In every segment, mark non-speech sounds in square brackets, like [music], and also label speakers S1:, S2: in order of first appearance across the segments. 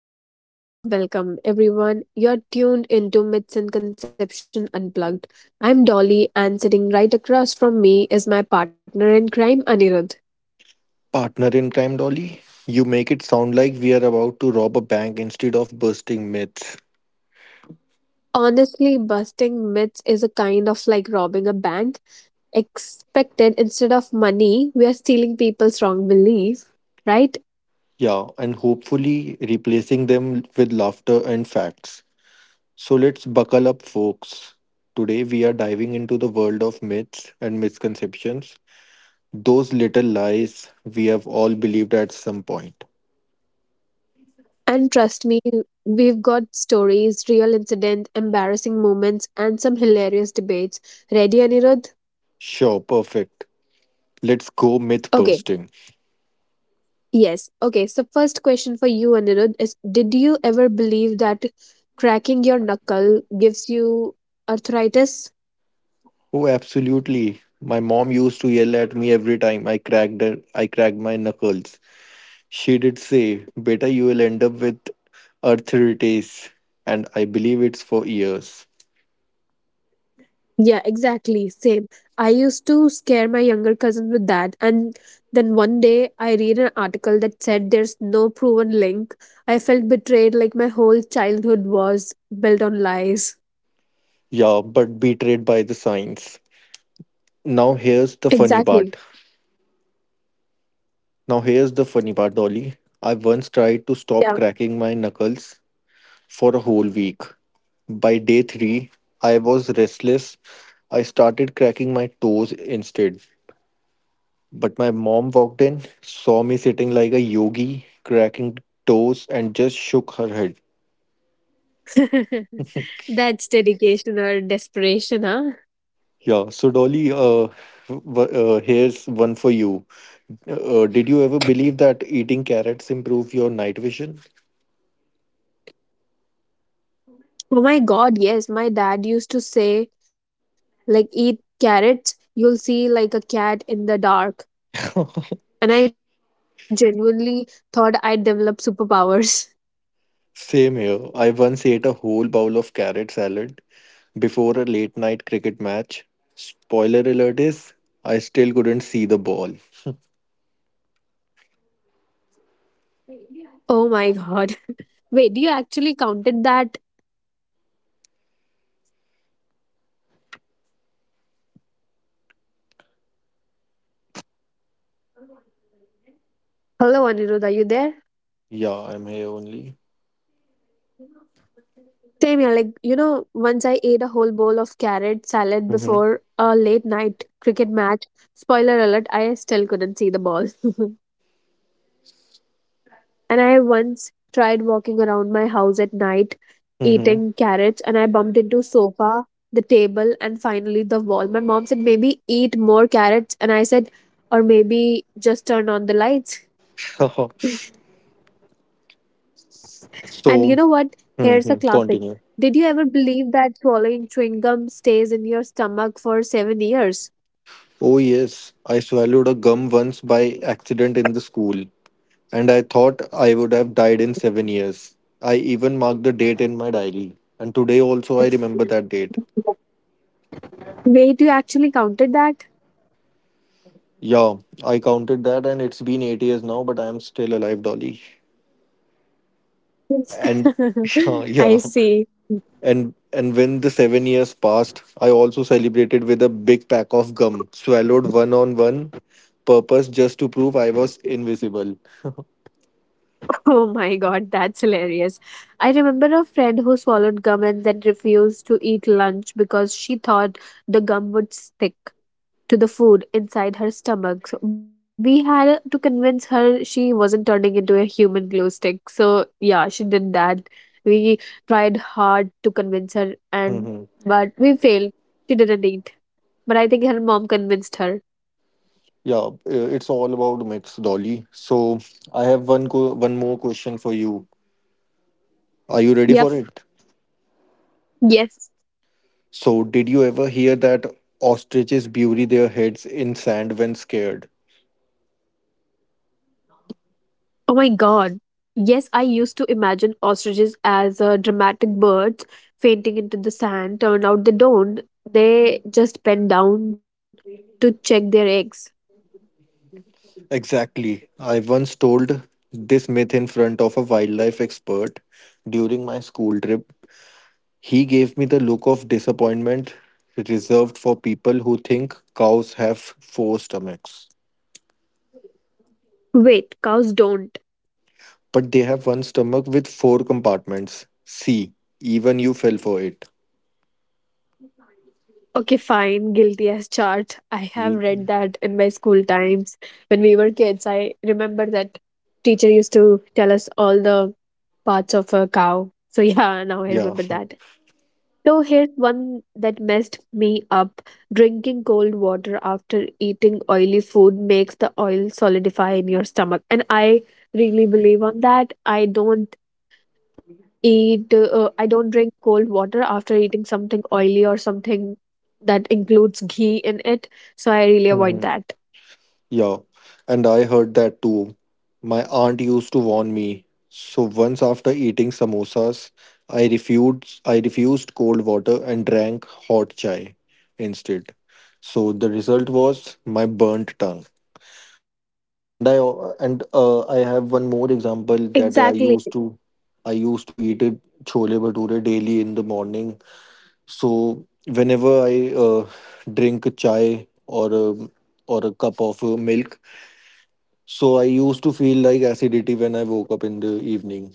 S1: Welcome, welcome, welcome, everyone. You're tuned into Myths and Conception Unplugged. I'm Dolly, and sitting right across from me is my partner in crime, Anirudh.
S2: Partner in crime, Dolly. You make it sound like we are about to rob a bank instead of bursting myths.
S1: Honestly, busting myths is a kind of like robbing a bank, expected instead of money, we are stealing people's wrong belief, right?
S2: Yeah, and hopefully replacing them with laughter and facts. So let's buckle up, folks. Today we are diving into the world of myths and misconceptions. Those little lies we have all believed at some point.
S1: And trust me, we've got stories, real incidents, embarrassing moments, and some hilarious debates. Ready, Anirudh?
S2: Sure, perfect. Let's go myth
S1: Okay,
S2: bursting.
S1: yes. Okay. So, first question for you, Anirudh, is did you ever believe that cracking your knuckle gives you arthritis?
S2: Oh, absolutely. My mom used to yell at me every time I cracked my knuckles. She did say, Beta, you will end up with arthritis. And I believe it's for years.
S1: Yeah, exactly. Same. I used to scare my younger cousins with that. And then one day I read an article that said there's no proven link. I felt betrayed, like my whole childhood was built on lies.
S2: Yeah, but betrayed by the science. Now, here's the funny part.
S1: Exactly.
S2: Now, here's the funny part, Dolly. I once tried to stop
S1: Yeah.
S2: cracking my knuckles for a whole week. By day three, I was restless. I started cracking my toes instead. But my mom walked in, saw me sitting like a yogi, cracking toes, and just shook her head.
S1: [laughs] That's dedication or desperation, huh?
S2: Yeah, so Dolly, here's one for you. Did you ever believe that eating carrots improve your night vision?
S1: Oh my god, yes. My dad used to say, like, eat carrots, you'll see like a cat in the dark. And I genuinely thought I'd develop superpowers. [laughs]
S2: Same here. I once ate a whole bowl of carrot salad before a late night cricket match. Spoiler alert is, I still couldn't see the ball.
S1: Oh my god. Wait, do you actually counted that? Hello, Anirudh, are you there?
S2: Yeah, I'm here only.
S1: Same here, like, once I ate a whole bowl of carrot salad
S2: Mm-hmm.
S1: before a late night cricket match. Spoiler alert, I still couldn't see the ball. [laughs] And I once tried walking around my house at night eating carrots and I bumped into sofa, the table and finally the wall. My mom said maybe eat more carrots and I said or maybe just turn on the lights.
S2: Mm-hmm. [laughs]
S1: And you
S2: So,
S1: know what? Here's a
S2: mhm,
S1: classic.
S2: continue.
S1: Did you ever believe that swallowing chewing gum stays in your stomach for 7 years?
S2: Oh, yes, I swallowed a gum once by accident in the school. And I thought I would have died in 7 years. I even marked the date in my diary, and today also I remember that date.
S1: Wait, you actually counted that?
S2: Yeah, I counted that, and it's been 8 years now, but I am still alive, Dolly. And [laughs] yeah,
S1: [laughs] I
S2: yeah.
S1: see.
S2: And when the 7 years passed, I also celebrated with a big pack of gum, swallowed one on one, purpose just to prove I was invisible.
S1: Oh my god, that's hilarious. I remember a friend who swallowed gum and then refused to eat lunch because she thought the gum would stick to the food inside her stomach. So we had to convince her she wasn't turning into a human glue stick. So, yeah, she did that. We tried hard to convince her and
S2: Mm-hmm.
S1: but we failed. She didn't eat. But I think her mom convinced her.
S2: Yeah, it's all about myths, Dolly. So I have one more question for you. Are you ready for
S1: Yep.
S2: it?
S1: Yes.
S2: So, did you ever hear that ostriches bury their heads in sand when scared?
S1: Oh my god. Yes, I used to imagine ostriches as dramatic birds fainting into the sand. Turned out they don't. They just bend down to check their eggs.
S2: Exactly. I once told this myth in front of a wildlife expert during my school trip. He gave me the look of disappointment reserved for people who think cows have four stomachs.
S1: Wait, cows don't.
S2: But they have one stomach with four compartments. See, even you fell for it.
S1: Okay, fine. Guilty as charged. I have
S2: Ye-
S1: read that in my school times. When we were kids, I remember that teacher used to tell us all the parts of a cow. So [laughs] yeah, now I
S2: Yeah.
S1: remember that. So here's one that messed me up. Drinking cold water after eating oily food makes the oil solidify in your stomach. And I really believe on that. I don't drink cold water after eating something oily or something that includes ghee in it. So I really avoid
S2: [laughs]
S1: that.
S2: Yeah, and I heard that too. My aunt used to warn me. So once after eating samosas, I refused cold water and drank hot chai instead. So the result was my burnt tongue. And I and I
S1: Exactly.
S2: have one more example that I used to eat it chole bhature daily in the morning. So whenever I drink a chai or a cup of milk, so I used to feel like acidity when I woke up in the evening.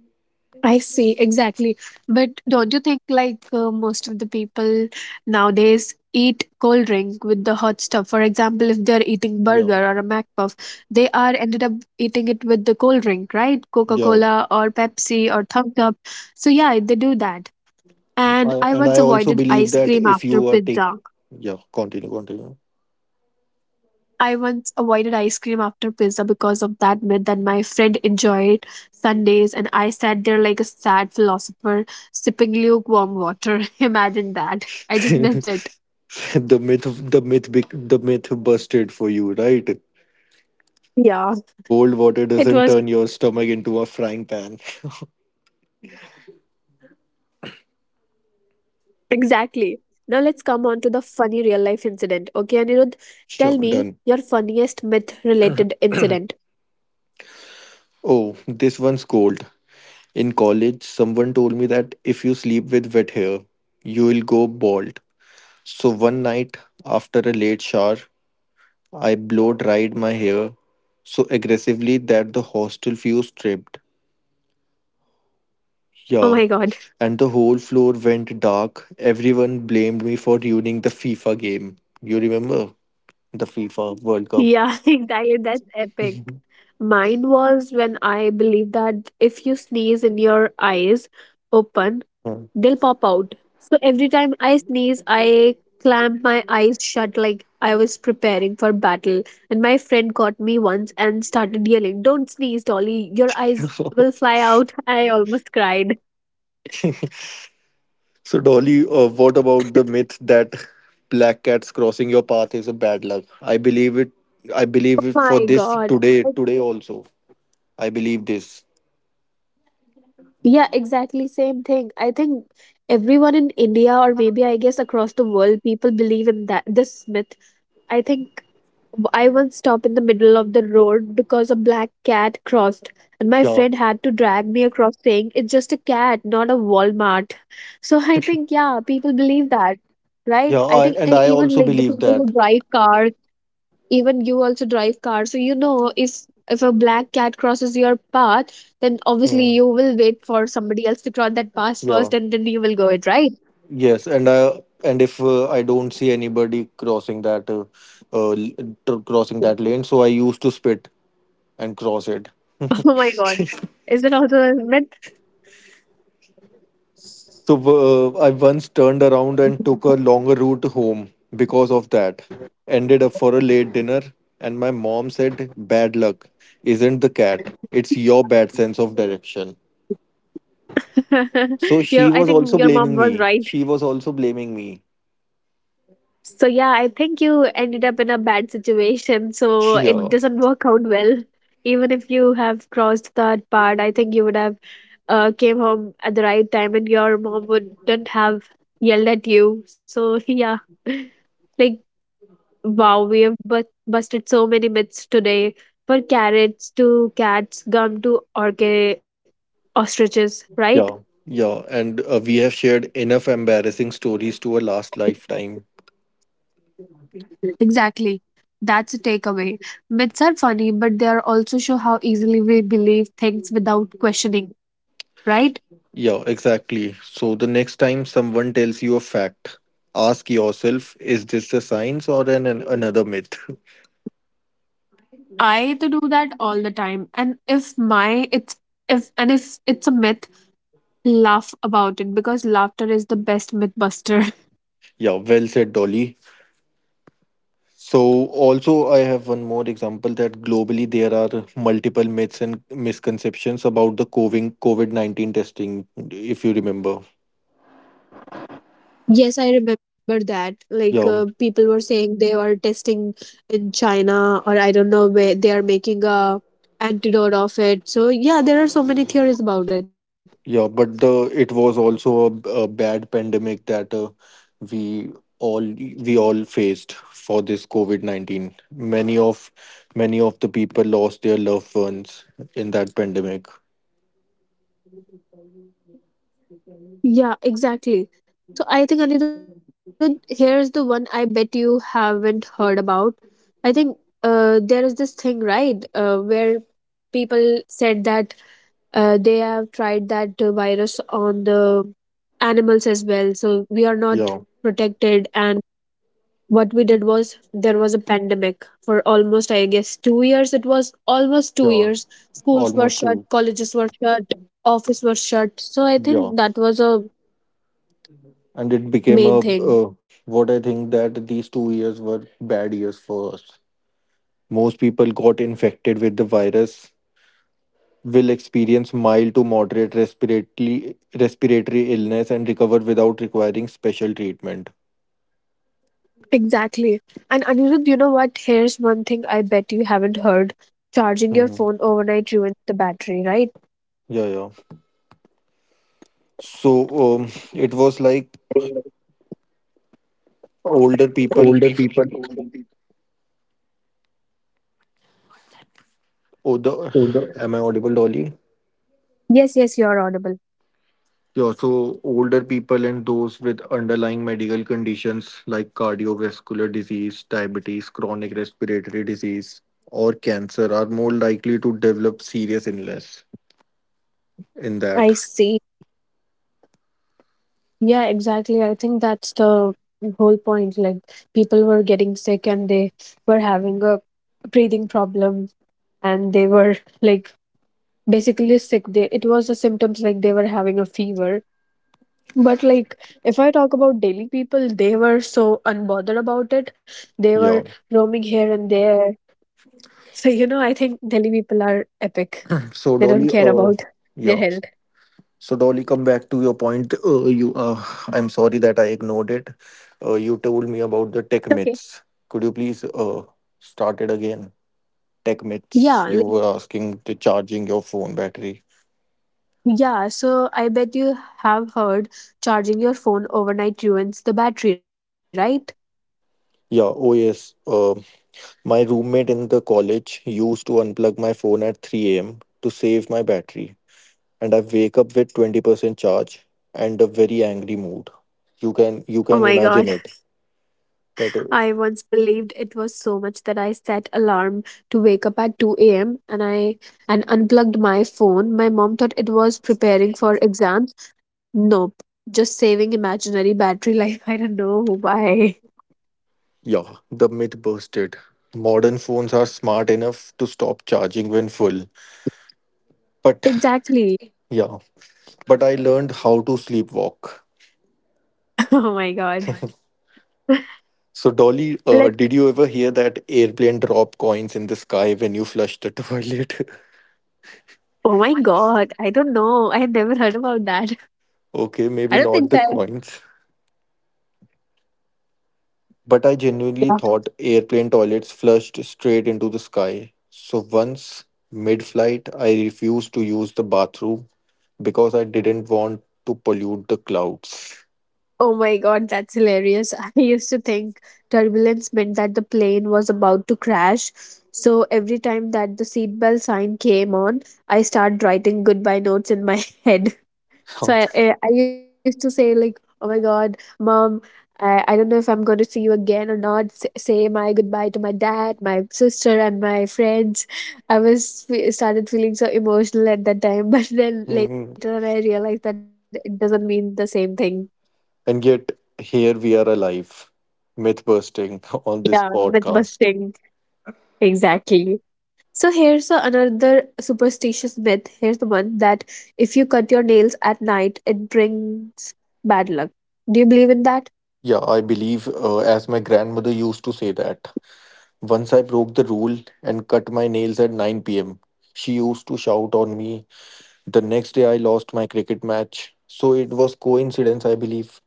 S1: I see, exactly. But don't you think like most of the people nowadays eat cold drink with the hot stuff? For example, if they're eating burger or a
S2: Yeah.
S1: McPuff, they are ended up eating it with the cold drink, right?
S2: Yeah.
S1: Coca-Cola or Pepsi or Thumbs Up. So yeah, they do that. And I
S2: And
S1: once
S2: I also
S1: avoided
S2: believe
S1: ice
S2: that
S1: cream
S2: if
S1: after
S2: you are take
S1: pizza.
S2: yeah, continue, continue.
S1: I once avoided ice cream after pizza because of that myth that my friend enjoyed Sundays, and I sat there like a sad philosopher sipping lukewarm water. [laughs] Imagine that.
S2: [laughs]
S1: I just
S2: the
S1: missed it.
S2: myth the myth bec- the myth busted for you, right?
S1: Yeah,
S2: Cold water doesn't turn
S1: it
S2: your
S1: was
S2: stomach into a frying pan.
S1: exactly. Now let's come on to the funny real life incident. Okay, Anirudh, tell me your funniest myth
S2: Sure,
S1: related
S2: done.
S1: incident.
S2: [clears throat] oh, this one's cold. In college, someone told me that if you sleep with wet hair, you will go bald. So one night after a late shower, I blow dried my hair so aggressively that the hostel fuse tripped.
S1: Oh my
S2: Yeah,
S1: god.
S2: and the whole floor went dark. Everyone blamed me for ruining the FIFA game. You remember the FIFA World Cup?
S1: Yeah, [laughs] exactly. That's epic. Mine was when I believed that if you sneeze in your eyes open,
S2: Huh.
S1: they'll pop out. So every time I sneeze, I clamp my eyes shut like I was preparing for battle. And my friend caught me once and started yelling, "Don't sneeze, Dolly, your eyes will
S2: [laughs]
S1: fly out." [laughs] I almost cried.
S2: So, Dolly, what about the myth that [laughs] black cats crossing your path is a bad luck? I believe it. I believe it for
S1: My
S2: this
S1: god.
S2: today. Today also, I believe this.
S1: Yeah, exactly same thing. I think everyone in India or maybe I guess across the world people believe in that this myth. I think I once stopped in the middle of the road because a black cat crossed, and my
S2: Yeah,
S1: friend had to drag me across saying, "It's just a cat, not a Walmart." [laughs] So I think, yeah, people believe that,
S2: yeah,
S1: right? I think
S2: and I
S1: even
S2: also
S1: like the
S2: believe
S1: people who
S2: that.
S1: drive cars, even you also drive cars. So you know, if a black cat crosses your path, then obviously
S2: Yeah.
S1: you will wait for somebody else to cross that path
S2: Yeah.
S1: first and then you will go it, right?
S2: Yes, and if I don't see anybody crossing that lane, so I used to spit and cross it.
S1: [laughs]
S2: [laughs]
S1: Oh my God. Is that also a myth?
S2: So I once turned around and took a longer route home because of that. Ended up for a late dinner, and my mom said, "Bad luck isn't the cat; it's your bad sense of direction." So
S1: [laughs]
S2: she
S1: I
S2: was
S1: think
S2: also
S1: your mom
S2: blaming
S1: was
S2: me.
S1: right.
S2: She was also blaming me.
S1: So yeah, I think you ended up in a bad situation,
S2: [laughs]
S1: so it
S2: Yeah.
S1: doesn't work out well. Even if you have crossed that part, I think you would have came home at the right time, and your mom wouldn't have yelled at you. So [laughs] yeah, like wow, we have busted so many myths today. For carrots to cats, gum to orca ostriches, right?
S2: Yeah, yeah, and we have shared enough embarrassing stories to a last lifetime.
S1: Exactly. That's a takeaway. Myths are funny, but they are also show how easily we believe things without questioning, right?
S2: Yeah, exactly. So the next time someone tells you a fact, ask yourself, is this a science or an another myth? [laughs]
S1: I to do that all the time. And if my it's if and if it's a myth, laugh about it because laughter is the best myth buster. [laughs]
S2: Yeah, well said, Dolly. So also I have one more example that globally there are multiple myths and misconceptions about the COVID-19 testing, if you remember.
S1: Yes, I remember that. Like
S2: Yeah.
S1: people were saying they were testing in China, or I don't know where they are making a antidote of it. So yeah, there are so many theories about it.
S2: Yeah, but the it was also a bad pandemic that we we all faced for this COVID-19. Many of the people lost their loved ones in that pandemic.
S1: Yeah, exactly. So I think Anirudh, here's the one I bet you haven't heard about. I think there is this thing, right, where people said that they have tried that virus on the animals as well. So we are
S2: Yeah,
S1: not protected. And what we did was there was a pandemic for almost, I guess, 2 years. It was almost two
S2: yeah,
S1: years. Schools were
S2: almost
S1: shut,
S2: two.
S1: colleges were shut, office was shut. So I
S2: Yeah,
S1: think that was a
S2: and it became
S1: main
S2: a
S1: thing.
S2: what I think that these 2 years were bad years for us. Most people got infected with the virus will experience mild to moderate respiratory illness and recover without requiring special treatment.
S1: Exactly. And Anirudh, you know what? Here's one thing I bet you haven't heard. Charging your
S2: Mhm.
S1: phone overnight ruins the battery, right?
S2: Yeah, yeah. So um, it was like older people.
S1: Older people,
S2: Oh, the
S1: older.
S2: Am I audible, Dolly?
S1: Yes, yes, you're audible.
S2: Yeah, so older people and those with underlying medical conditions like cardiovascular disease, diabetes, chronic respiratory disease, or cancer are more likely to develop serious illness in that.
S1: I see. Yeah, exactly. I think that's the whole point. Like people were getting sick and they were having a breathing problem and they were like basically sick. They it was the symptoms like they were having a fever. But like if I talk about Delhi people, they were so unbothered about it. They were
S2: Yeah.
S1: roaming here and there. [laughs] So you know, I think Delhi people are epic.
S2: So,
S1: They don't
S2: Dolly,
S1: care about [laughs] their
S2: yeah.
S1: health.
S2: So, Dolly, come back to your point. I'm sorry that I ignored it. You told me about the tech
S1: Okay.
S2: myths. Could you please start it again? Tech myths.
S1: Yeah,
S2: You
S1: like,
S2: were asking to charging your phone battery.
S1: yeah. So I bet you have heard charging your phone overnight ruins the battery, right?
S2: Yeah. Oh yes. My roommate in the college used to unplug my phone at 3 a.m. to save my battery, and I wake up with 20% charge and a very angry mood. You
S1: Oh
S2: can
S1: my
S2: imagine
S1: god.
S2: it that.
S1: [laughs] I once believed it was so much that I set alarm to wake up at 2 a.m. and unplugged my phone. My mom thought it was preparing for exams. Nope. Just saving imaginary battery life. [laughs] I don't know why.
S2: Yeah, the myth busted. Modern phones are smart enough to stop charging when full. But
S1: Exactly.
S2: yeah, but I learned how to sleepwalk.
S1: [laughs] Oh my god.
S2: So, Dolly,
S1: [laughs] Let's
S2: did you ever hear that airplane drop coins in the sky when you flush the [laughs] toilet?
S1: Oh my god. I don't know. I had never heard about that.
S2: Okay,
S1: [laughs] I
S2: maybe
S1: don't
S2: not
S1: think,
S2: the
S1: I
S2: coins. But I genuinely
S1: yeah.
S2: thought airplane toilets flushed straight into the sky. So, once mid flight, I refused to use the bathroom because I didn't want to pollute the clouds.
S1: Oh my god, that's hilarious. [laughs] I used to think turbulence meant that the plane was about to crash. So every time that the seatbelt sign came on, I started writing goodbye notes in my [laughs] head. So I used to say like, "Oh my God, mom, I don't know if I'm going to see you again or not." Say my goodbye to my dad, my sister, and my friends. I was started feeling so emotional at that time, [laughs] but then later on
S2: [laughs]
S1: I
S2: [laughs]
S1: realized that it doesn't mean the same thing.
S2: And yet, here we are alive, myth bursting [laughs] on
S1: Yeah,
S2: this
S1: myth
S2: podcast.
S1: busting exactly. So here's another superstitious myth. Here's the one that if you cut your nails at night, it brings bad luck. Do you believe in that?
S2: Yeah, I believe, as my grandmother used to say that. Once I broke the rule and cut my nails at 9 p.m., she used to shout on me. The next day, I lost my cricket match. So it was coincidence, I believe.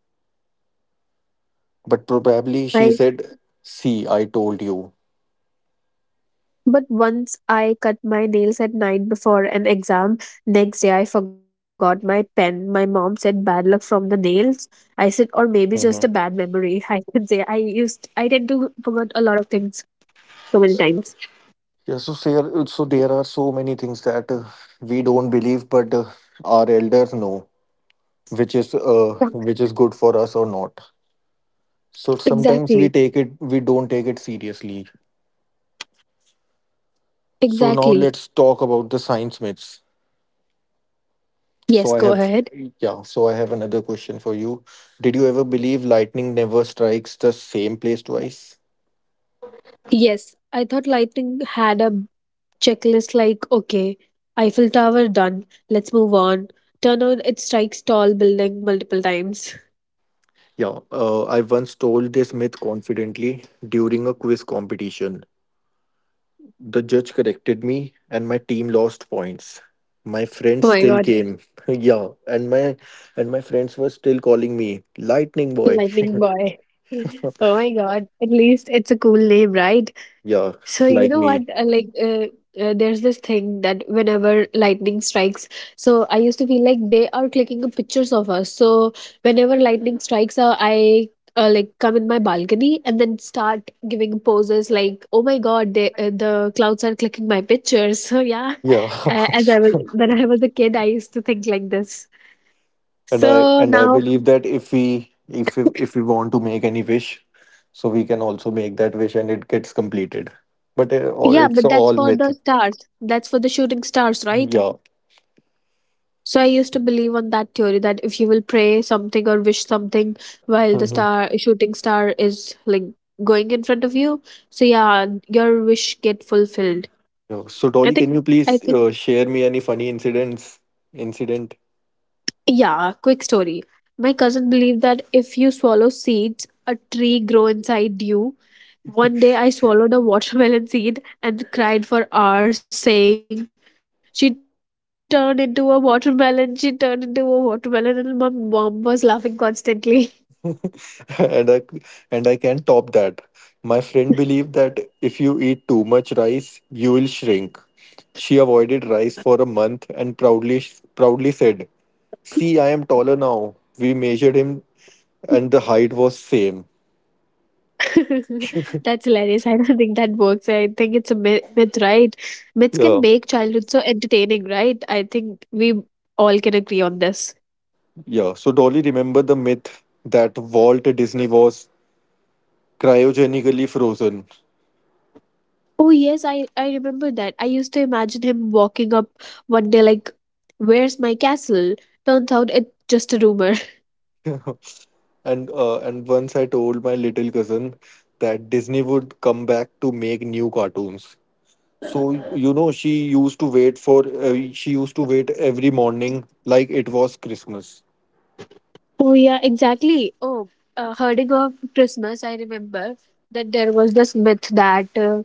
S2: But probably she
S1: I
S2: said, See, I told you.
S1: But once I cut my nails at night before an exam, next day I forgot my pen. My mom said bad luck from the nails. I said, or maybe just a bad
S2: Mhm.
S1: memory. [laughs] I can say I tend to forget a lot of things so many times.
S2: Yeah, so there are so many things that we don't believe, but our elders know, which is good for us or not. So sometimes
S1: Exactly.
S2: we don't take it seriously. So now
S1: Exactly.
S2: let's talk about the science myths.
S1: Yes,
S2: So I
S1: go
S2: have
S1: ahead.
S2: Yeah, so I have another question for you. Did you ever believe lightning never strikes the same place twice?
S1: Yes, I thought lighting had a checklist like, okay, Eiffel Tower done, let's move on. Turn out it strikes tall building multiple times. [laughs]
S2: Yeah, I once told this myth confidently during a quiz competition. The judge corrected me, and my team lost points. My friends
S1: Oh my
S2: still
S1: god.
S2: came, [laughs] yeah, and my friends were still calling me Lightning Boy.
S1: Lightning boy. [laughs]
S2: [laughs]
S1: Oh my god. At least it's a cool name, right?
S2: Yeah,
S1: So you
S2: like
S1: know
S2: me,
S1: what? Like there's this thing that whenever lightning strikes, so I used to feel like they are clicking the pictures of us. So whenever lightning strikes, I like come in my balcony and then start giving poses like, "Oh my god, they, the clouds are clicking my pictures." [laughs] So yeah,
S2: yeah.
S1: as I was
S2: [laughs]
S1: when I was a kid, I used to think like this.
S2: and I
S1: So
S2: and I
S1: now
S2: believe that if we want to make any wish, so we can also make that wish, and it gets completed. But oh,
S1: Yeah,
S2: it's
S1: but that's
S2: all
S1: for
S2: myth,
S1: the stars. That's for the shooting stars, right?
S2: yeah.
S1: So I used to believe on that theory that if you will pray something or wish something while the
S2: Mhm.
S1: star shooting star is like going in front of you, so yeah, your wish get fulfilled.
S2: Yeah. So,
S1: I
S2: Dolly, can
S1: think
S2: you
S1: I
S2: please
S1: think
S2: share me any funny incidents? Incident?
S1: Yeah, quick story. My cousin believed that if you swallow seeds, a tree grow inside you. One day I swallowed a watermelon seed and cried for hours saying, she turned into a watermelon, she turned into a watermelon, and my mom was laughing constantly.
S2: [laughs] and I, and I can top that. My friend believed that if you eat too much rice, you will shrink. She avoided rice for a month and proudly said, "See, I am taller now." We measured him, and the height was same.
S1: [laughs] That's hilarious. I don't think that works. I think it's a myth, right? Myths
S2: Yeah,
S1: can make childhood so entertaining, right? I think we all can agree on this.
S2: yeah. So Dolly, remember the myth that Walt Disney was cryogenically frozen.
S1: Oh yes, I remember that. I used to imagine him walking up one day like, "Where's my castle?" Turns out it's just a rumor. [laughs]
S2: [laughs] And once I told my little cousin that Disney would come back to make new cartoons. So, you know, she used to wait every morning like it was Christmas.
S1: Oh yeah, exactly. Oh, herding of Christmas. I remember that there was this myth that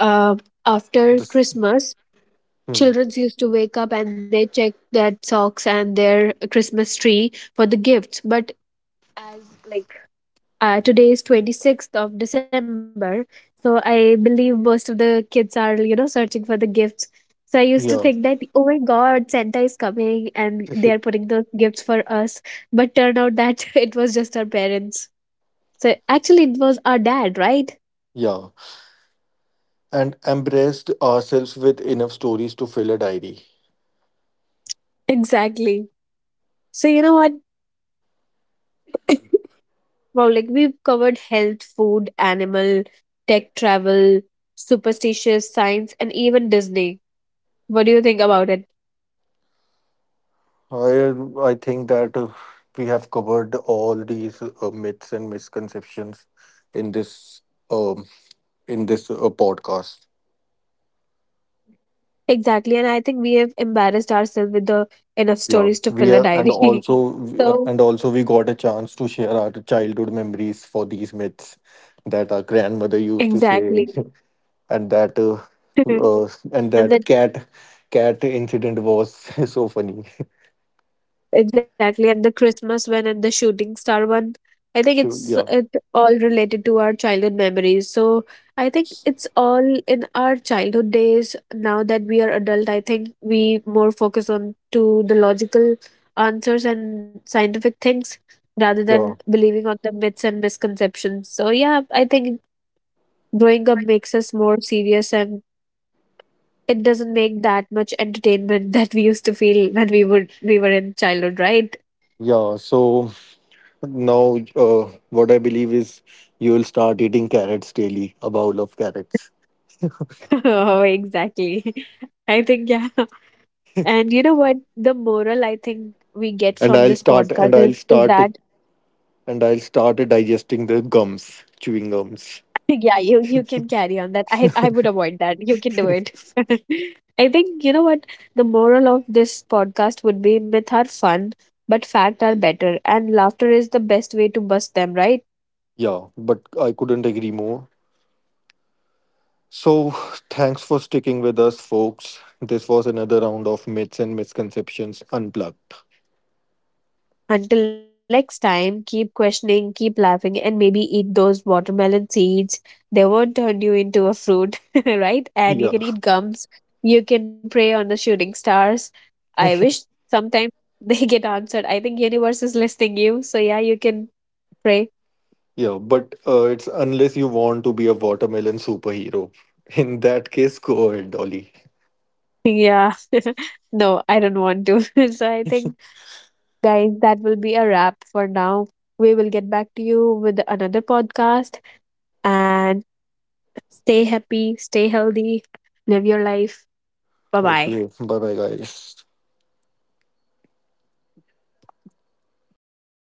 S1: uh, after
S2: This,
S1: Christmas,
S2: hmm,
S1: children used to wake up and they check their socks and their Christmas tree for the gifts. But as like today is 26th of December, so I believe most of the kids are searching for the gifts. So I used to think
S2: yeah,
S1: that, "Oh my God, Santa is coming and they are putting those gifts for us." But turned out that [laughs] it was just our parents. So actually it was our dad, right?
S2: yeah. And embraced ourselves with enough stories to fill a diary.
S1: Exactly. So you know what? Wow, like we've covered health, food, animal, tech, travel, superstitious science, and even Disney. What do you think about it?
S2: I, I think that we have covered all these myths and misconceptions in this, um, in this podcast.
S1: Exactly, and I think we have embarrassed ourselves with the enough
S2: Yeah,
S1: stories to
S2: we
S1: fill a
S2: are, and
S1: diary. [laughs]
S2: also,
S1: So
S2: we got a chance to share our childhood memories for these myths that our grandmother used to say,
S1: exactly,
S2: [laughs] and that, uh, uh, and
S1: [laughs]
S2: that
S1: and then
S2: cat, incident was [laughs] so funny.
S1: exactly at the Christmas one and the shooting star one, I think
S2: Sure. Yeah.
S1: it all related to our childhood memories. So I think it's all in our childhood days. Now that we are adult, I think we more focus on to the logical answers and scientific things rather than
S2: Yeah.
S1: believing on the myths and misconceptions. So yeah, I think growing up makes us more serious and it doesn't make that much entertainment [laughs] that we used to feel when we were in childhood, right?
S2: Yeah. So now, what I believe is you will start eating carrots daily, a bowl of carrots,
S1: [laughs] Oh, exactly. [laughs] I think yeah. And you know what? The moral I think we get
S2: and
S1: from this podcast is, is that.
S2: I'll start digesting the gums, chewing gums.
S1: [laughs] Yeah, you can carry on that. I would avoid that. You can do it. [laughs] I think you know what, the moral of this podcast would be myth are fun, but fact are better, and laughter is the best way to bust them, right?
S2: Yeah, but I couldn't agree more. So, [laughs] [sighs] thanks for sticking with us, folks. This was another round of myths and misconceptions unplugged.
S1: Until next time, keep questioning, keep laughing, and maybe eat those watermelon seeds. They won't turn you into a fruit, [laughs] right? And
S2: Yeah,
S1: you can eat gums. You can pray on the shooting stars. I
S2: [laughs]
S1: wish sometimes [laughs] they get answered. I think universe is listening you. So yeah, you can pray. [laughs]
S2: yeah, but it's unless you want to be a watermelon superhero. In that case, go ahead, Dolly.
S1: Yeah. [laughs] No, I don't want to. [laughs] So I think, guys, that will be a wrap for now. We will get back to you with another podcast and stay happy, stay healthy, live your life. Bye bye.
S2: Okay, bye bye, guys.